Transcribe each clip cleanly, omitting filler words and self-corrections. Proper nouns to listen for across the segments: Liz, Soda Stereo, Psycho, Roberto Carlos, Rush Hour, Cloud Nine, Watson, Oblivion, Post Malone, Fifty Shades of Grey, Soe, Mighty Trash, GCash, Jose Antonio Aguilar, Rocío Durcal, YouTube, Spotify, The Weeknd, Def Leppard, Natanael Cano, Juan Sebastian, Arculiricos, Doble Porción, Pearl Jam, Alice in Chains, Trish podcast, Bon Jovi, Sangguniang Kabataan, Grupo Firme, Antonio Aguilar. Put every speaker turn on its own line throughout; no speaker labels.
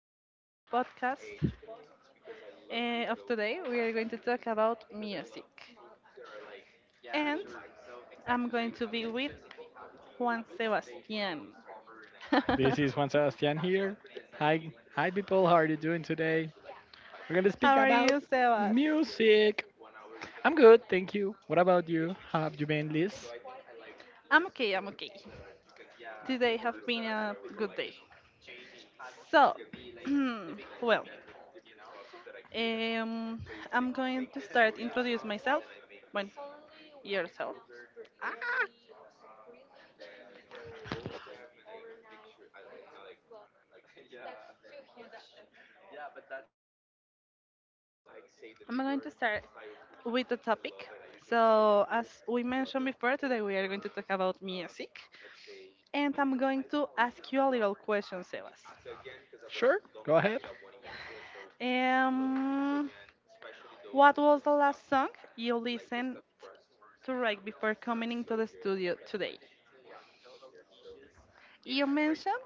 For our podcast of today, we are going to talk about music. And I'm going to be with Juan Sebastian. How
This is Juan Sebastian here. Hi, hi people. How are you doing today? We're gonna speak
are
about
you, Sebas?
music. I'm good, thank you. What about you? How have you been, Liz?
I'm okay, I'm okay. Today have been a good day. So, well, um, I'm going to start introduce myself. Well, yourself. Ah, I'm going to start with the topic. So, as we mentioned before, today we are going to talk about music, and I'm going to ask you a little question, Sebas.
Sure, go ahead.
Um, what was the last song you listened to right before coming into the studio today? You mentioned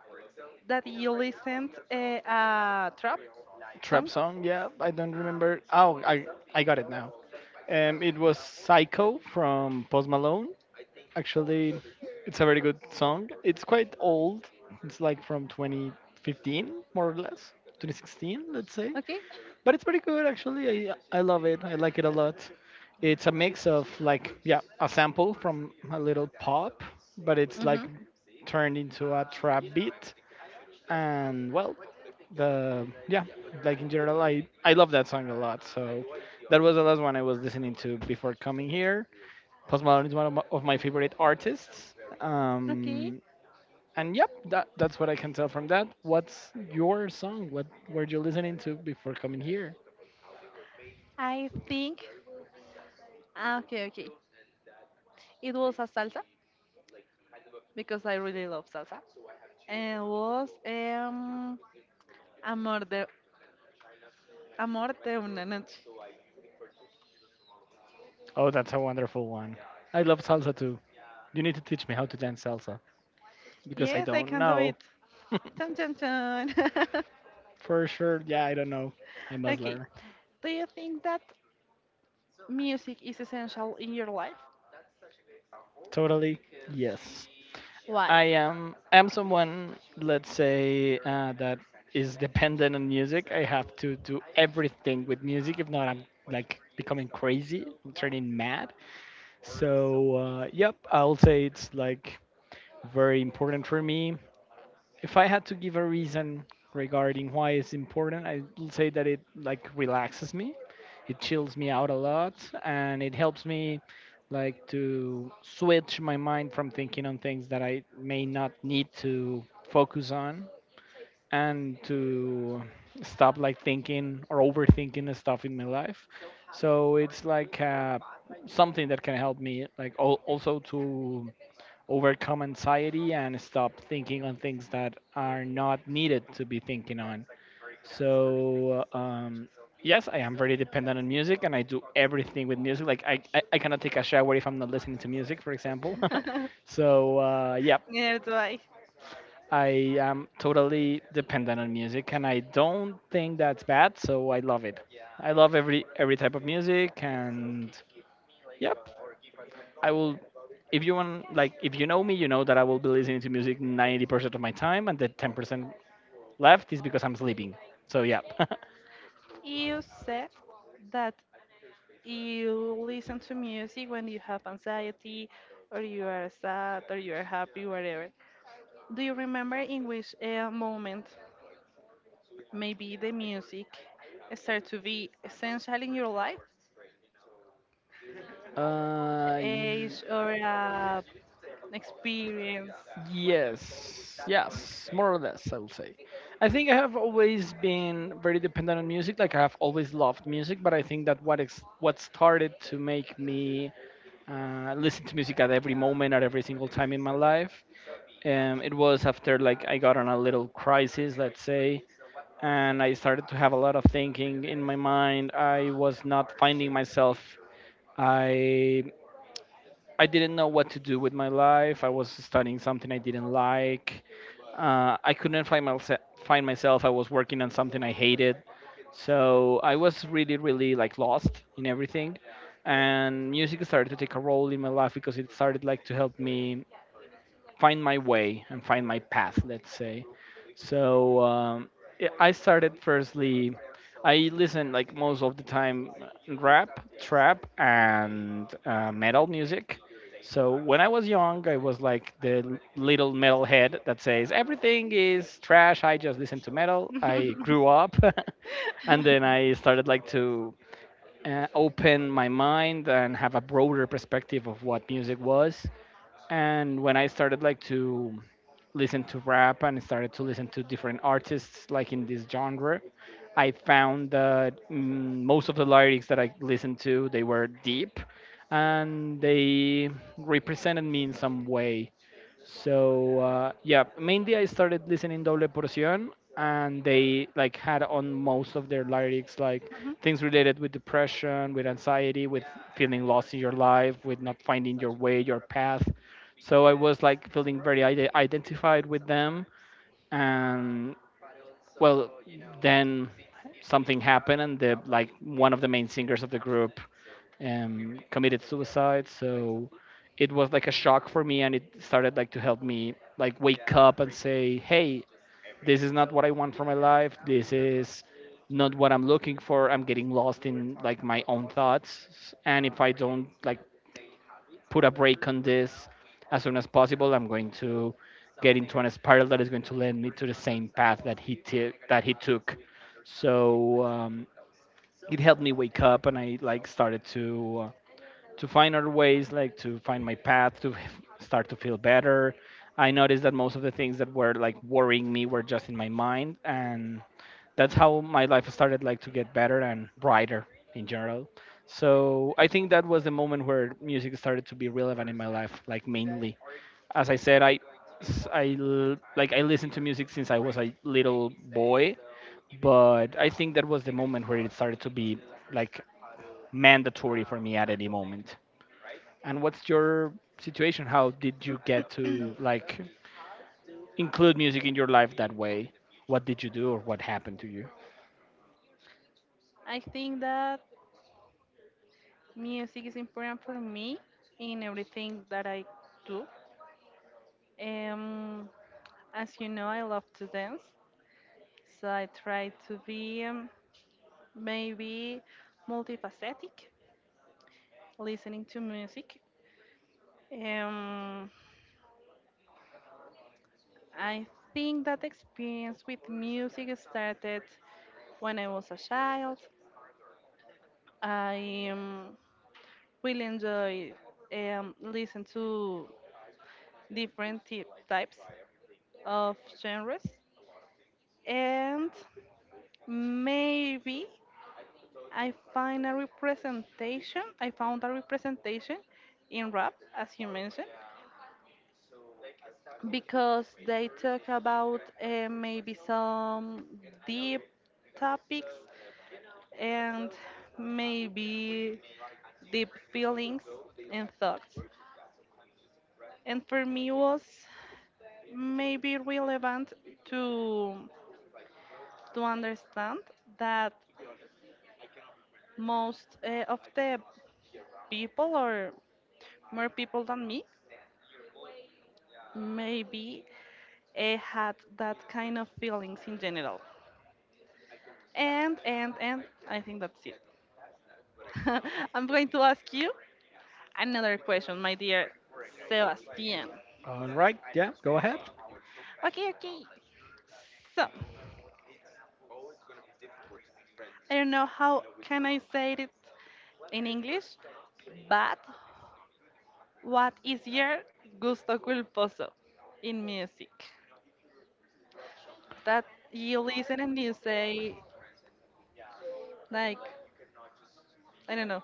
that you listened a trap
Trap
song,
song, yeah. I don't remember. Oh, I got it now. It was Psycho from Post Malone. Actually, it's a very good song. It's quite old. It's like from 2015, more or less. 2016, let's say.
okay?
But it's pretty good actually. I love it. I like it a lot. It's a mix of like, yeah, a sample from a little pop, but it's
Mm-hmm.
like turned into a trap beat. And well, the yeah, like in general, I love that song a lot. So that was the last one I was listening to before coming here. Post Malone is one of my favorite artists.
Okay.
Um, and yep, that's what I can tell from that. What's your song? What were you listening to before coming here?
I think. Okay, okay. It was a salsa, because I really love salsa. And was Amor de, Amor de una noche.
Oh, that's a wonderful one. I love salsa too. You need to teach me how to dance salsa because I
Yes, I
don't
can do
know.
it. Chun chun chun.
For sure, yeah, I don't know. I must
Okay.
learn.
Do you think that music is essential in your life?
Totally, yes.
Why?
I am someone, let's say, that is dependent on music. I have to do everything with music. If not, I'm like becoming crazy. I'm turning mad. So yep, I'll say it's like very important for me. If I had to give a reason regarding why it's important, I'd say that it like relaxes me. It chills me out a lot and it helps me like to switch my mind from thinking on things that I may not need to focus on and to stop like thinking or overthinking the stuff in my life. So it's like, something that can help me like also to overcome anxiety and stop thinking on things that are not needed to be thinking on. So, yes, I am very dependent on music and I do everything with music. Like, I cannot take a shower if I'm not listening to music, for example. So, yeah,
Neither do I.
I am totally dependent on music and I don't think that's bad, so I love it. I love every type of music, and yep, I will. If you want, like, if you know me, you know that I will be listening to music 90% of my time, and the 10% left is because I'm sleeping. So yeah.
You said that you listen to music when you have anxiety, or you are sad, or you are happy, whatever. Do you remember in which moment maybe the music start to be essential in your life, the
uh, y-
age or experience.
yes, yes, more or less, I will say. I think I have always been very dependent on music. Like I have always loved music, but I think that what started to make me listen to music at every moment, at every single time in my life, it was after like I got on a little crisis, let's say, and I started to have a lot of thinking in my mind. I was not finding myself. I I didn't know what to do with my life. I was studying something I didn't like. I couldn't find myself. Find myself. I was working on something I hated. So I was really, really like lost in everything. And music started to take a role in my life because it started like to help me find my way and find my path, let's say. So yeah, I started firstly, I listen like most of the time, rap, trap, and metal music. So when I was young, I was like the little metal head that says everything is trash. I just listen to metal. I grew up, and then I started like to, open my mind and have a broader perspective of what music was. And when I started like to listen to rap and started to listen to different artists like in this genre, I found that, most of the lyrics that I listened to, they were deep and they represented me in some way. So yeah, mainly I started listening Doble Porción, and they like had on most of their lyrics like
Mhm.
things related with depression, with anxiety, with feeling lost in your life, with not finding your way, your path. So I was like feeling very identified with them, and well, then something happened, and the like one of the main singers of the group committed suicide. So it was like a shock for me, and it started like to help me like wake up and say, "Hey, this is not what I want for my life. This is not what I'm looking for. I'm getting lost in like my own thoughts, and if I don't like put a break on this as soon as possible, I'm going to." Get into a spiral that is going to lead me to the same path that that he took. So it helped me wake up and I like started to, to find other ways, like to find my path, to start to feel better. I noticed that most of the things that were like worrying me were just in my mind, and that's how my life started like to get better and brighter in general. So I think that was the moment where music started to be relevant in my life, like mainly. As I said, I, s- I l- like I listened to music since I was a little boy, but I think that was the moment where it started to be like mandatory for me at any moment. And what's your situation? How did you get to like include music in your life that way? What did you do or what happened to you?
I think that music is important for me in everything that I do. Um, as you know, I love to dance, so I try to be maybe multifaceted, listening to music. Um, I think that experience with music started when I was a child. I really enjoy listen to different types of genres, and maybe I find a representation. I found a representation in rap, as you mentioned, because they talk about maybe some deep topics and maybe deep feelings and thoughts. And for me was maybe relevant to to understand that most of the people or more people than me maybe had that kind of feelings in general. And and I think that's it. I'm going to ask you another question, my dear Sebastian.
All right, yeah, go ahead.
Okay, okay. So, I don't know how can I say it in English, but what is your gusto culposo in music? That you listen and you say like I don't know,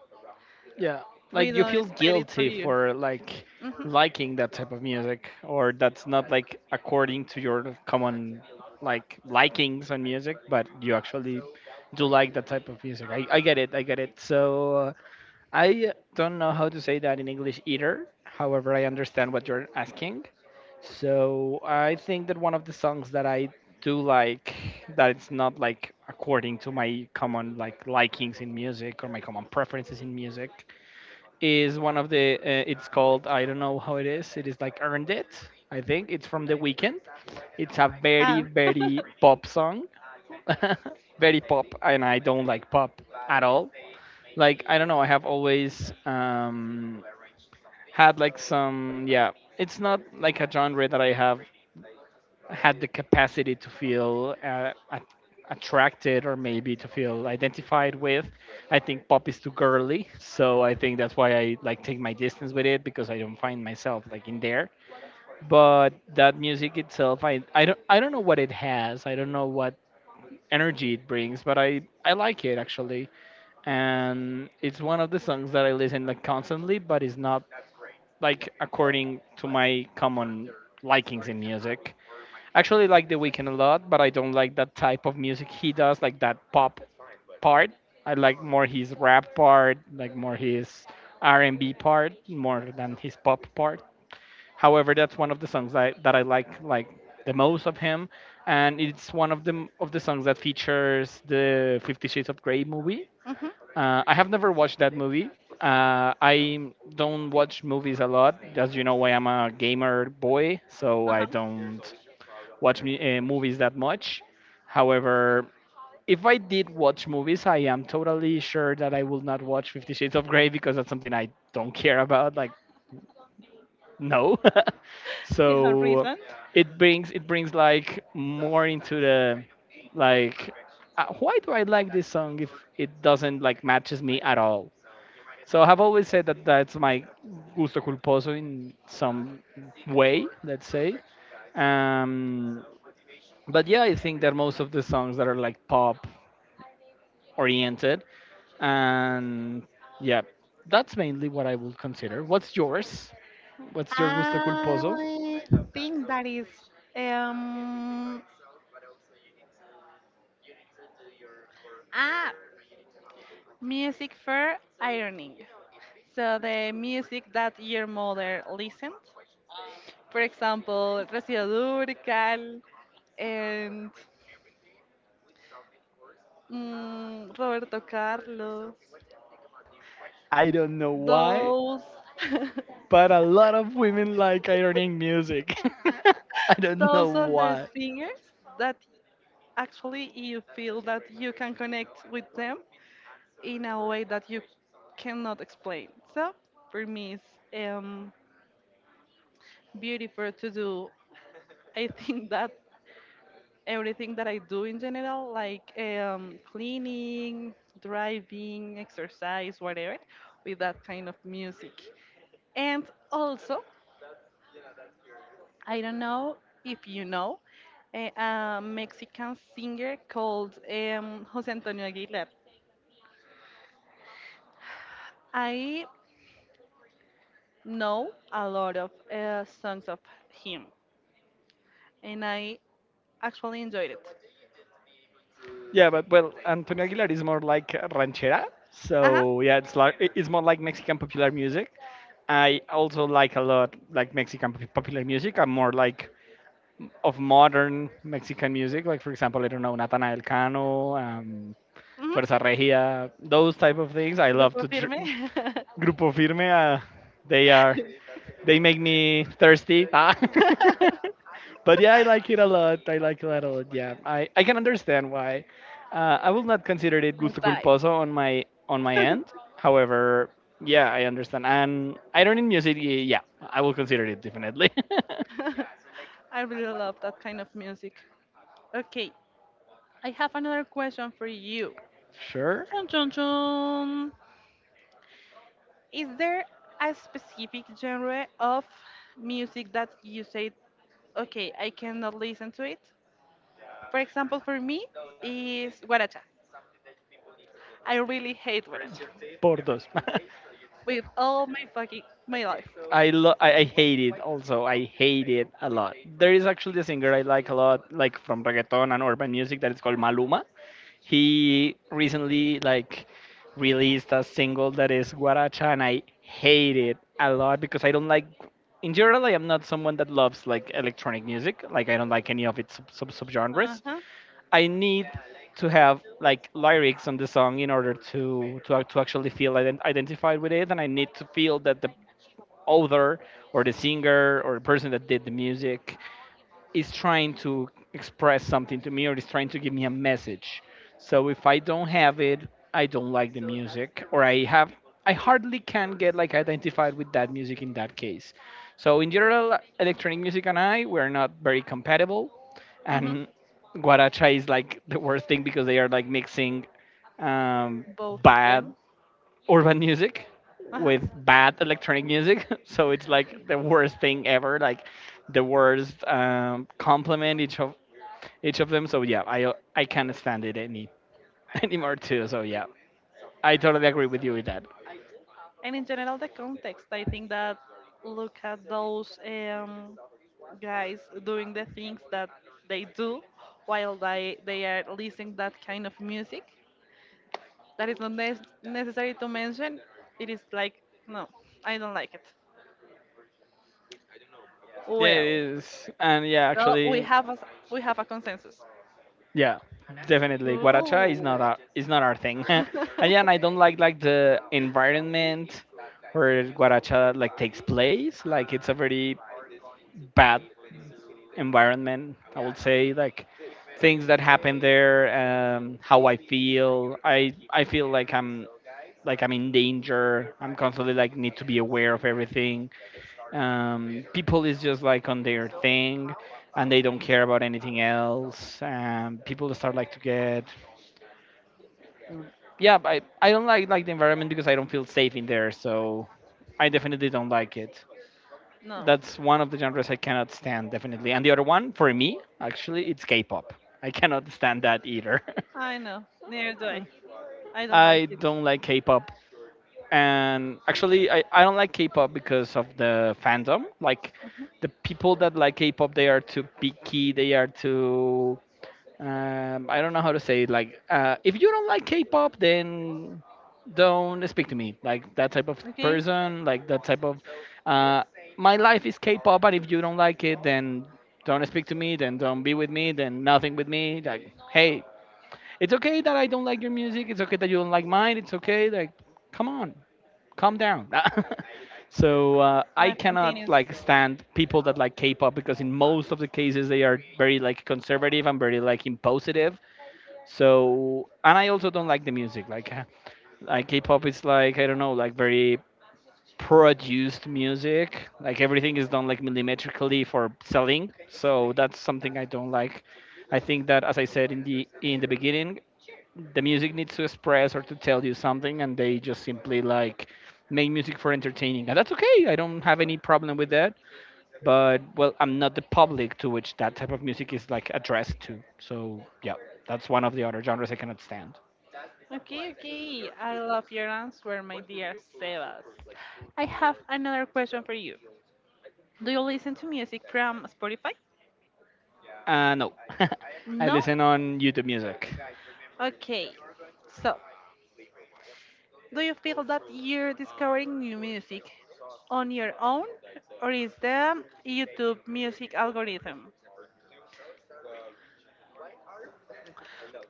Yeah,
we
like you
don't
feel
expect it for
guilty
you.
for like
Hmm.
liking that type of music or that's not like according to your common like likings on music, but you actually do like that type of music. I get it, I get it. So I don't know how to say that in English either. However, I understand what you're asking. So I think that one of the songs that I do like, that it's not like according to my common like likings in music or my common preferences in music, is one of the. It's called, I don't know how it is. It is like Earned It. I think it's from The Weeknd. It's a
Ah.
very pop song, very pop, and I don't like pop at all. Like, I don't know, I have always, had like some, yeah, it's not like a genre that I have had the capacity to feel, attracted or maybe to feel identified with. I think pop is too girly, so I think that's why I like take my distance with it because I don't find myself like in there. But that music itself, I don't, I don't know what it has, I don't know what energy it brings, but I like it actually. And it's one of the songs that I listen like constantly, but it's not like according to my common likings in music. Actually, like The Weeknd a lot, but I don't like that type of music he does, like that pop part. I like more his rap part, like more his R&B part, more than his pop part. However, that's one of the songs that I like the most of him, and it's one of the songs that features the Fifty Shades of Grey movie.
Hmm.
I have never watched that movie. I don't watch movies a lot. As you know, I am a gamer boy, so
Uh-huh.
I don't watch me, movies that much. However, if I did watch movies, I am totally sure that I will not watch Fifty Shades of Grey because that's something I don't care about. Like, no.
You have
So
reason.
it brings like more into the like, why do I like this song if it doesn't like matches me at all? So I've always said that that's my gusto culposo in some way, let's say. Um, but yeah, I think that most of the songs that are like pop oriented, and yeah, that's mainly what I would consider. What's yours? What's your gusto culposo?
I think that is um ah music for ironing. So the music that your mother listens. For example, Rocío Durcal and Roberto Carlos.
I don't know why.
Those
But a lot of women like ironing music. I don't know
those are the
why.
singers that actually you feel that you can connect with them in a way that you cannot explain. So for me, it's beautiful to do. I think that everything that I do in general, like cleaning, driving, exercise, whatever, with that kind of music. And also, I don't know if you know, a Mexican singer called Jose Antonio Aguilar. I know a lot of songs of him, and I actually enjoyed it.
Yeah, but well, Antonio Aguilar is more like ranchera.
Ajá,
So yeah, it's like it's more like Mexican popular music. I also like a lot like Mexican popular music. I'm more like of modern Mexican music, like for example, I don't know, Natanael Cano,
ujú,
Fuerza Regia, those type of things. I love
Grupo
to.
Firme.
Dr- Grupo Firme, they are they make me thirsty. Ah. But yeah, I like it a lot. I like it a lot. Yeah, I can understand why. I will not consider it
The
gusto
vibe.
culposo on my end. However, yeah, I understand. And I don't in music. Yeah, I will consider it definitely.
I really love that kind of music. Okay, I have another question for you.
Sure,
Chun chun chun. Is there a specific genre of music that you say, okay, I cannot listen to it? For example, for me is guaracha. I really hate guaracha
por dos.
with all my fucking my life.
I hate it also. I hate it a lot. There is actually a singer I like a lot, like from reggaeton and urban music that is called Maluma. He recently like released a single that is Guaracha and I hate it a lot because I don't like in general I am not someone that loves like electronic music. Like I don't like any of its sub
Uh
subgenres.
huh.
I need to have like lyrics on the song in order to actually feel identified with it, and I need to feel that the author or the singer or the person that did the music is trying to express something to me or is trying to give me a message. So if I don't have it, I don't like the music, or I have I hardly can get like identified with that music in that case. So in general, electronic music and I we're not very compatible,
Mhm.
and guaracha is like the worst thing because they are like mixing um,
Both of
bad
them.
urban music
Uh huh.
with bad electronic music. So it's like the worst thing ever, like the worst compliment each of them. So yeah, I can't stand it any anymore too. So yeah, I totally agree with you with that.
And in general, the context, I think that look at those guys doing the things that they do while they are listening that kind of music. That is not necessary to mention. It is like, no, I don't like it.
Yeah, it
Well,
is, and yeah,
so
actually,
we have a consensus.
yeah, definitely, guaracha
Ooh.
is not our thing. And yeah, and I don't like the environment where guaracha like takes place. Like it's a very bad environment. I would say like things that happen there, how I feel. I feel like I'm in danger. I'm constantly like need to be aware of everything. People is just like on their thing, and they don't care about anything else. People start like to get yeah. I don't like the environment because I don't feel safe in there. So I definitely don't like it.
No,
That's one of the genres I cannot stand definitely. And the other one for me actually it's K-pop. I cannot stand that either.
I know. Neither do I. I don't like
I
it.
don't like K-pop, and actually I don't like K-pop because of the fandom. Like the
Mhm.
people that like K-pop, they are too picky, they are too I don't know how to say it. Like, if you don't like K-pop, then don't speak to me. Like that type of
Okay,
person. Like that type of. Uh, my life is K-pop, and if you don't like it, then don't speak to me. Then don't be with me. Then nothing with me. Like, hey, it's okay that I don't like your music. It's okay that you don't like mine. It's okay. Like, come on, calm down. So I
life
cannot
continues.
like stand people that like K-pop because in most of the cases they are very like conservative and very like impositive, so, and I also don't like the music. Like K-pop is like I don't know, like very produced music. Like everything is done like millimetrically for selling. So that's something I don't like. I think that, as I said in the beginning, the music needs to express or to tell you something, and they just simply like make music for entertaining, and that's okay. I don't have any problem with that. But well, I'm not the public to which that type of music is like addressed to. So yeah, that's one of the other genres I cannot stand.
Okay, okay. I love your answer, my dear Sebas. I have another question for you. Do you listen to music from Spotify?
No, I
No?
listen on YouTube Music.
Okay. So, do you feel that you're discovering new music on your own, or is the YouTube music algorithm?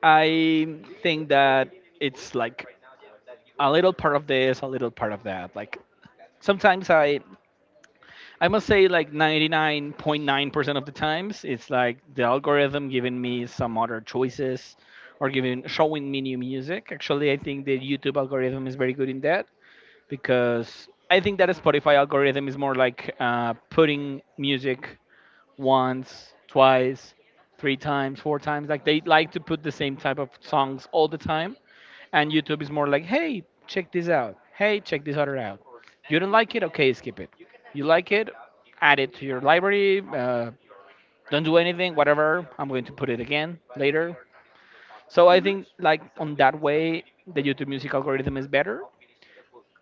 I think that it's like a little part of this, a little part of that. Like sometimes I must say like 99.9% of the times it's like the algorithm giving me some other choices or giving showing me new music. Actually, I think the YouTube algorithm is very good in that because I think that a Spotify algorithm is more like putting music once, twice, three times, four times. Like they like to put the same type of songs all the time. And YouTube is more like, hey, check this out. Hey, check this other out. You don't like it? Okay, skip it. You like it? Add it to your library. Don't do anything, whatever. I'm going to put it again later. So I
Hmm.
think like on that way, the YouTube music algorithm is better.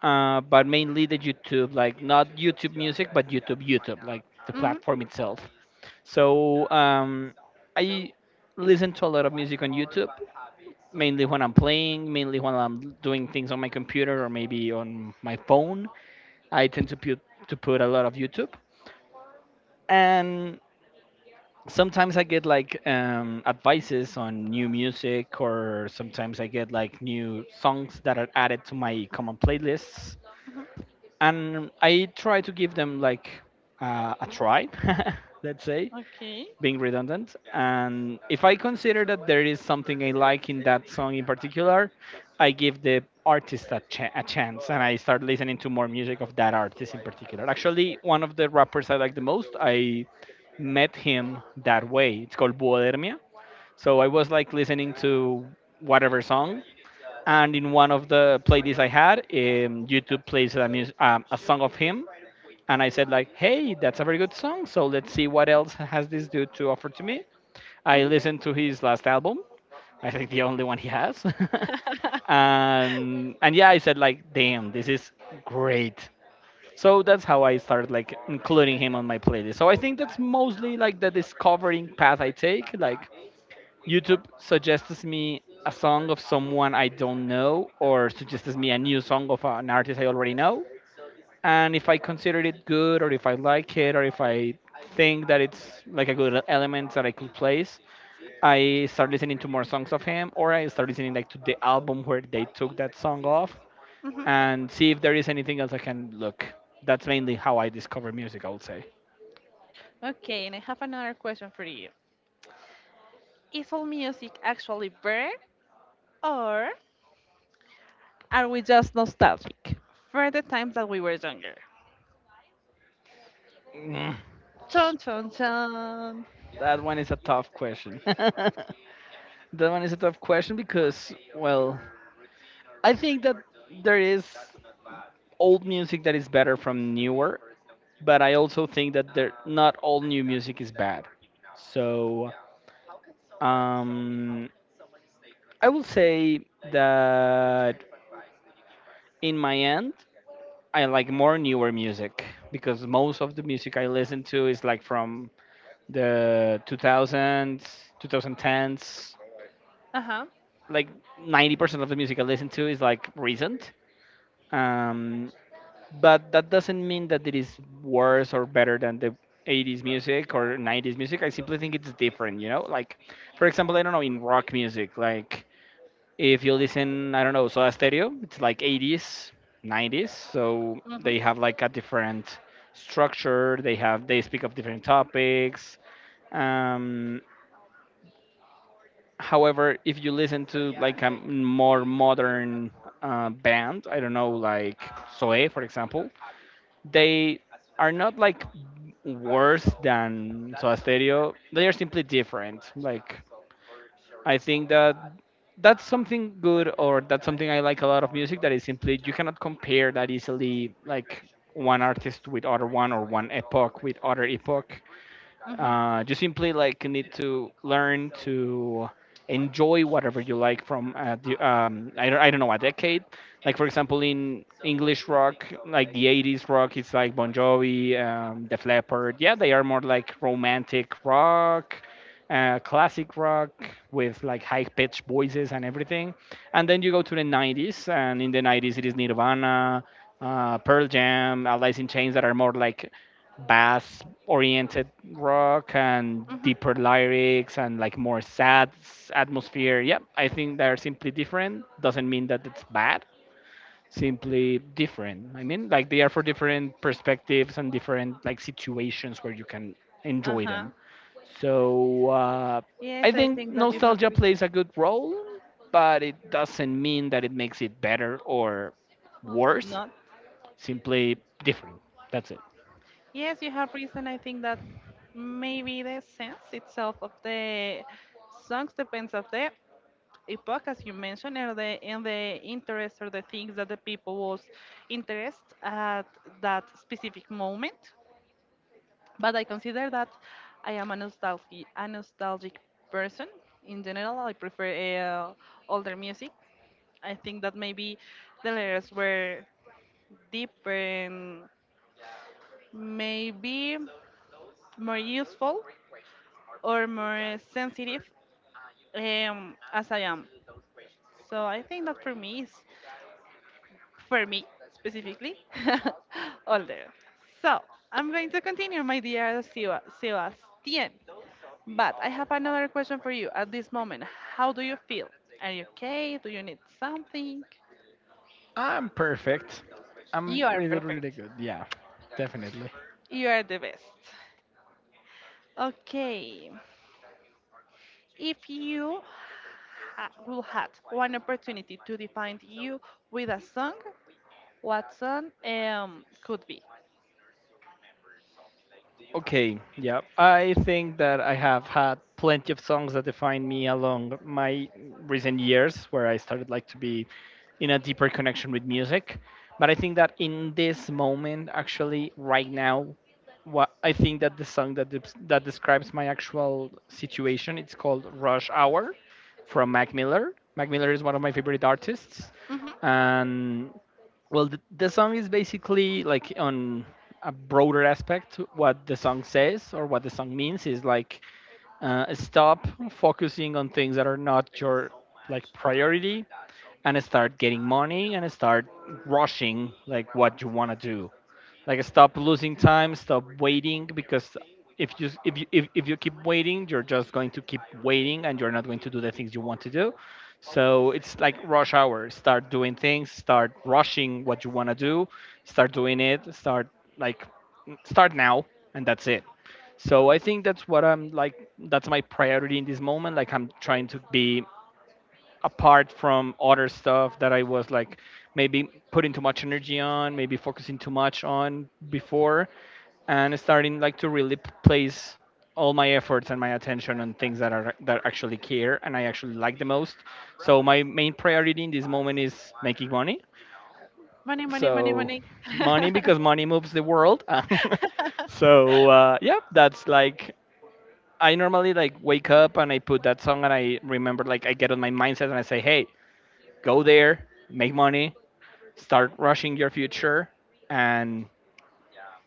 But mainly the YouTube, like not YouTube music, but YouTube, like the
Hmm.
platform itself. So I listen to a lot of music on YouTube, mainly when I'm playing, mainly when I'm doing things on my computer or maybe on my phone. I tend to put a lot of YouTube, and sometimes I get like advices on new music, or sometimes I get like new songs that are added to my common playlists, and I try to give them like a try, let's say
Okay.
being redundant. And if I consider that there is something I like in that song in particular, I give the artist a chance and I start listening to more music of that artist in particular. Actually, one of the rappers I like the most, I met him that way. It's called Buodermia. So I was like listening to whatever song, and in one of the playlists I had, YouTube plays a song of him, and I said like, "Hey, that's a very good song. So let's see what else has this dude to offer to me." I listened to his last album. I think the only one he has. And yeah, I said like, damn, this is great. So that's how I started like including him on my playlist. So I think that's mostly like the discovering path I take. Like YouTube suggests me a song of someone I don't know or suggests me a new song of an artist I already know. And if I consider it good or if I like it or if I think that it's like a good element that I could place, I start listening to more songs of him, or I start listening like to the album where they took that song off,
Hmm.
and see if there is anything else I can look. That's mainly how I discover music, I would say.
Okay, and I have another question for you. Is all music actually better, or are we just nostalgic for the times that we were younger?
Mm,
Chon chon chon.
that one is a tough question. That one is a tough question because, well, I think that there is old music that is better from newer, but I also think that there not all new music is bad. So um, I will say that in my end, I like more newer music because most of the music I listen to is like from the 2000s, 2010s.
Uh huh.
Like 90% of the music I listen to is like recent. Um, but that doesn't mean that it is worse or better than the 80s music or 90s music. I simply think it's different, you know? Like, for example, I don't know, in rock music, like if you listen, I don't know, Soda Stereo, it's like 80s, 90s, so they
Hmm.
have like a different structure. They speak of different topics. Um, However, if you listen to like a more modern band, I don't know, like Soe, for example, they are not like worse than Soda Stereo. They are simply different. Like I think that that's something good, or that's something I like a lot of music that is simply you cannot compare that easily like one artist with other one or one epoch with other epoch.
Hmm.
You simply like need to learn to enjoy whatever you like from the, I don't know, a decade. Like for example in english rock, like the 80s rock, it's like Bon Jovi, Def Leppard, yeah, they are more like romantic rock, classic rock with like high pitched voices and everything. And then you go to the 90s, and in the 90s it is Nirvana, Pearl Jam, Alice in Chains, that are more like bass oriented rock and
Hmm.
deeper lyrics and like more sad atmosphere. Yeah, I think they're simply different. Doesn't mean that it's bad, simply different. I mean, like they are for different perspectives and different like situations where you can
Uh
enjoy
huh.
them. So
Yes,
I
I
think
think that you have
nostalgia plays a good role, but it doesn't mean that it makes it better or worse,
not.
simply different. That's it.
Yes, you have reason. I think that maybe the sense itself of the songs depends of the epoch, as you mentioned, and the interest or the things that the people was interest at that specific moment. But I consider that I am a nostalgic person in general. I prefer uh, older music. I think that maybe the lyrics were deeper and maybe more useful or more sensitive as I am. So I think that for me specifically older. So I'm going to continue, my dear Sebastian. But I have another question for you at this moment. How do you feel? Are you okay? Do you need something?
I'm perfect. I'm
You are
really, really
perfect.
good. Yeah, definitely.
You are the best. Okay. If you will had one opportunity to define you with a song, Watson could be.
Okay, yeah. I think that I have had plenty of songs that define me along my recent years where I started like to be in a deeper connection with music. But I think that in this moment, actually, right now, what I think that the song that describes my actual situation, it's called Rush Hour from Mac Miller. Mac Miller is one of my favorite artists.
Hmm.
And well, the song is basically like on a broader aspect. What the song says or what the song means is like stop focusing on things that are not your like priority, and start getting money and start rushing like what you want to do, like stop losing time, stop waiting, because if you keep waiting, you're just going to keep waiting and you're not going to do the things you want to do. So it's like rush hour, start doing things, start rushing what you want to do, start doing it, start like start now, and that's it. So I think that's what I'm like, that's my priority in this moment. Like I'm trying to be apart from other stuff that I was like maybe putting too much energy on, maybe focusing too much on before, and starting like to really place all my efforts and my attention on things that are that actually care and I actually like the most. So my main priority in this moment is making money.
Money, money, money,
So
money.
money, because money moves the world. So yeah, that's like I normally like wake up and I put that song and I remember like I get on my mindset and I say, hey, go there, make money, start rushing your future, and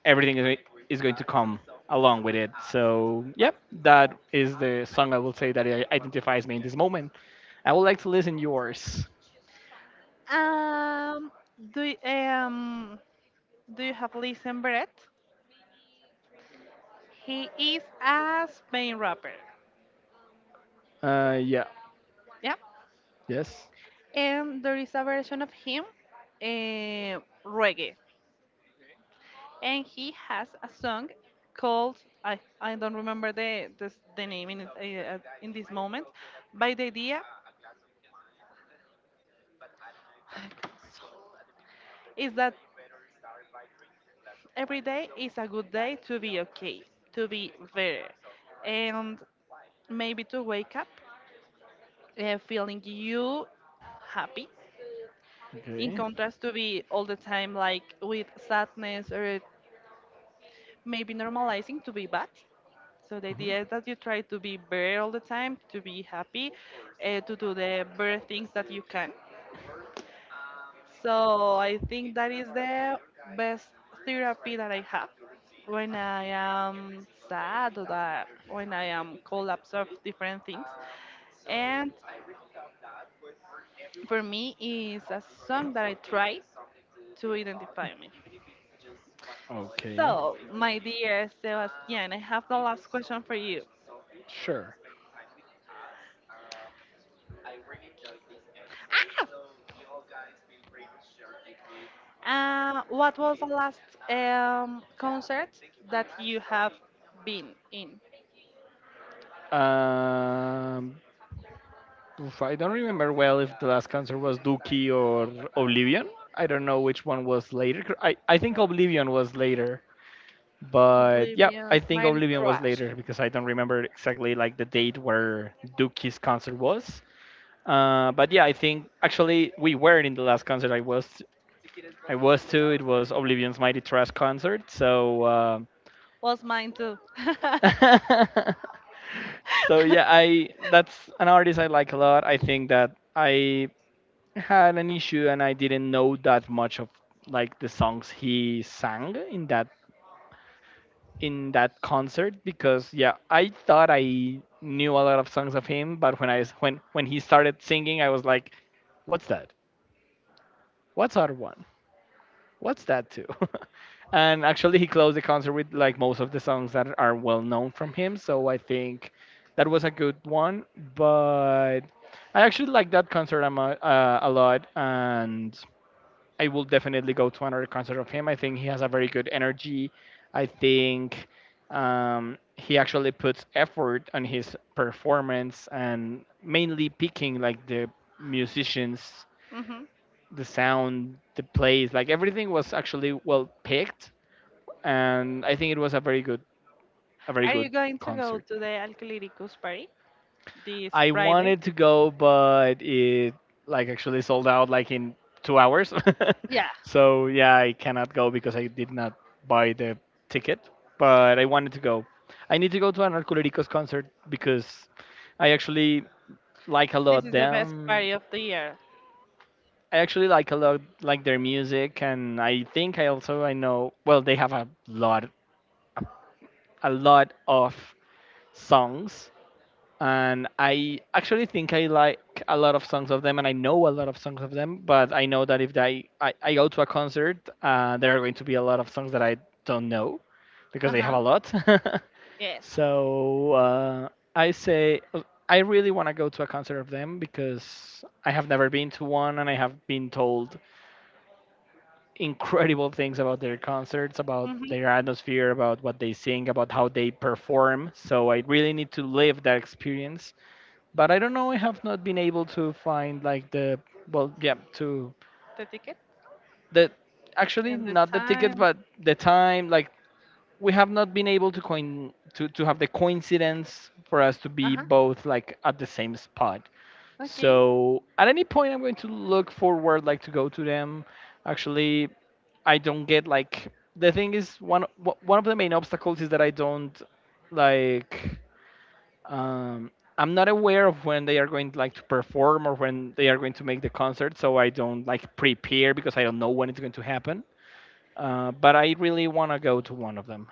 everything is going to come along with it. So, yep, that is the song I will say that identifies me in this moment. I would like to listen yours.
Um, do y- um, do you have Listen Brett? He is a Spain rapper.
Yeah.
Yeah,
Yes.
and there is a version of him, uh, reggae, and he has a song called I don't remember the name in it, in this moment. By the idea, is that every day is a good day to be okay, to be better, and maybe to wake up feeling you happy, in
Okay.
contrast to be all the time like with sadness or maybe normalizing to be bad. So the
Mhm.
idea is that you try to be better all the time, to be happy, to do the better things that you can. So I think that is the best therapy that I have when I am sad or that when I am collapse of different things. And for me is a song that I try to identify me.
Okay.
So my dear Sebastian, I have the last question for you.
Sure.
What was the last concert that you have been in?
Us. Oof, I don't remember well if the last concert was Dookie or Oblivion. I don't know which one was later. I think Oblivion was later. But yeah, I
Oblivion,
think
Mighty
Oblivion was
Trash.
later because I don't remember exactly like the date where Dookie's concert was. But yeah, I think actually we were in the last concert I was, I was to. It was Oblivion's Mighty Trash concert. So
Was mine too.
So yeah, I that's an artist I like a lot. I think that I had an issue and I didn't know that much of like the songs he sang in that concert, because yeah, I thought I knew a lot of songs of him, but when he started singing, I was like, "What's that? What's other one? What's that too?" And actually, he closed the concert with like most of the songs that are well known from him. So I think that was a good one. But I actually like that concert a, a lot, and I will definitely go to another concert of him. I think he has a very good energy. I think he actually puts effort on his performance and mainly picking like the musicians,
Hmm.
the sound, the plays, like everything was actually well picked. And I think it was a very
Are you
good
going to go
concert.
to the Alcoholicos party this
I
Friday?
wanted to go, but it like actually sold out like in 2 hours.
Yeah,
So yeah, I cannot go because I did not buy the ticket. But I wanted to go. I need to go to an Arculiricos concert because I actually like a
this
lot
is the best
them.
party of the year.
I actually like a lot like their music, and I think I also I know well they have a lot of songs, and I actually think I like a lot of songs of them, and I know a lot of songs of them. But I know that if I go to a concert, there are going to be a lot of songs that I don't know, because
Uh
they have a
huh.
lot.
Yes.
So I say I really want to go to a concert of them because I have never been to one, and I have been told incredible things about their concerts, about
Hmm.
their atmosphere, about what they sing, about how they perform. So I really need to live that experience, but I don't know. I have not been able to find like the well, yeah, to
The ticket
the actually
and the
not the tickets,
time.
but the time. Like we have not been able to coin to have the coincidence for us to
Uh
be
huh.
both like at the same spot.
Okay.
So at any point, I'm going to look forward like to go to them. Actually, I don't get like the thing is one of the main obstacles is that I don't like. Um, I'm not aware of when they are going like to perform or when they are going to make the concert, so I don't like prepare because I don't know when it's going to happen. But I really want to go to one of them.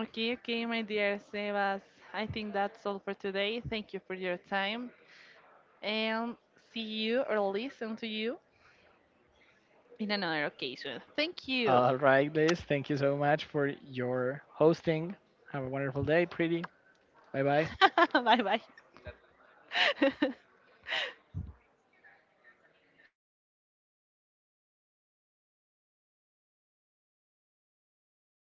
Okay, okay, my dear Sebas. I think that's all for today. Thank you for your time and see you or listen to you in another occasion. Thank you.
All right, Liz, thank you so much for your hosting. Have a wonderful day, pretty. Bye bye.
Bye bye.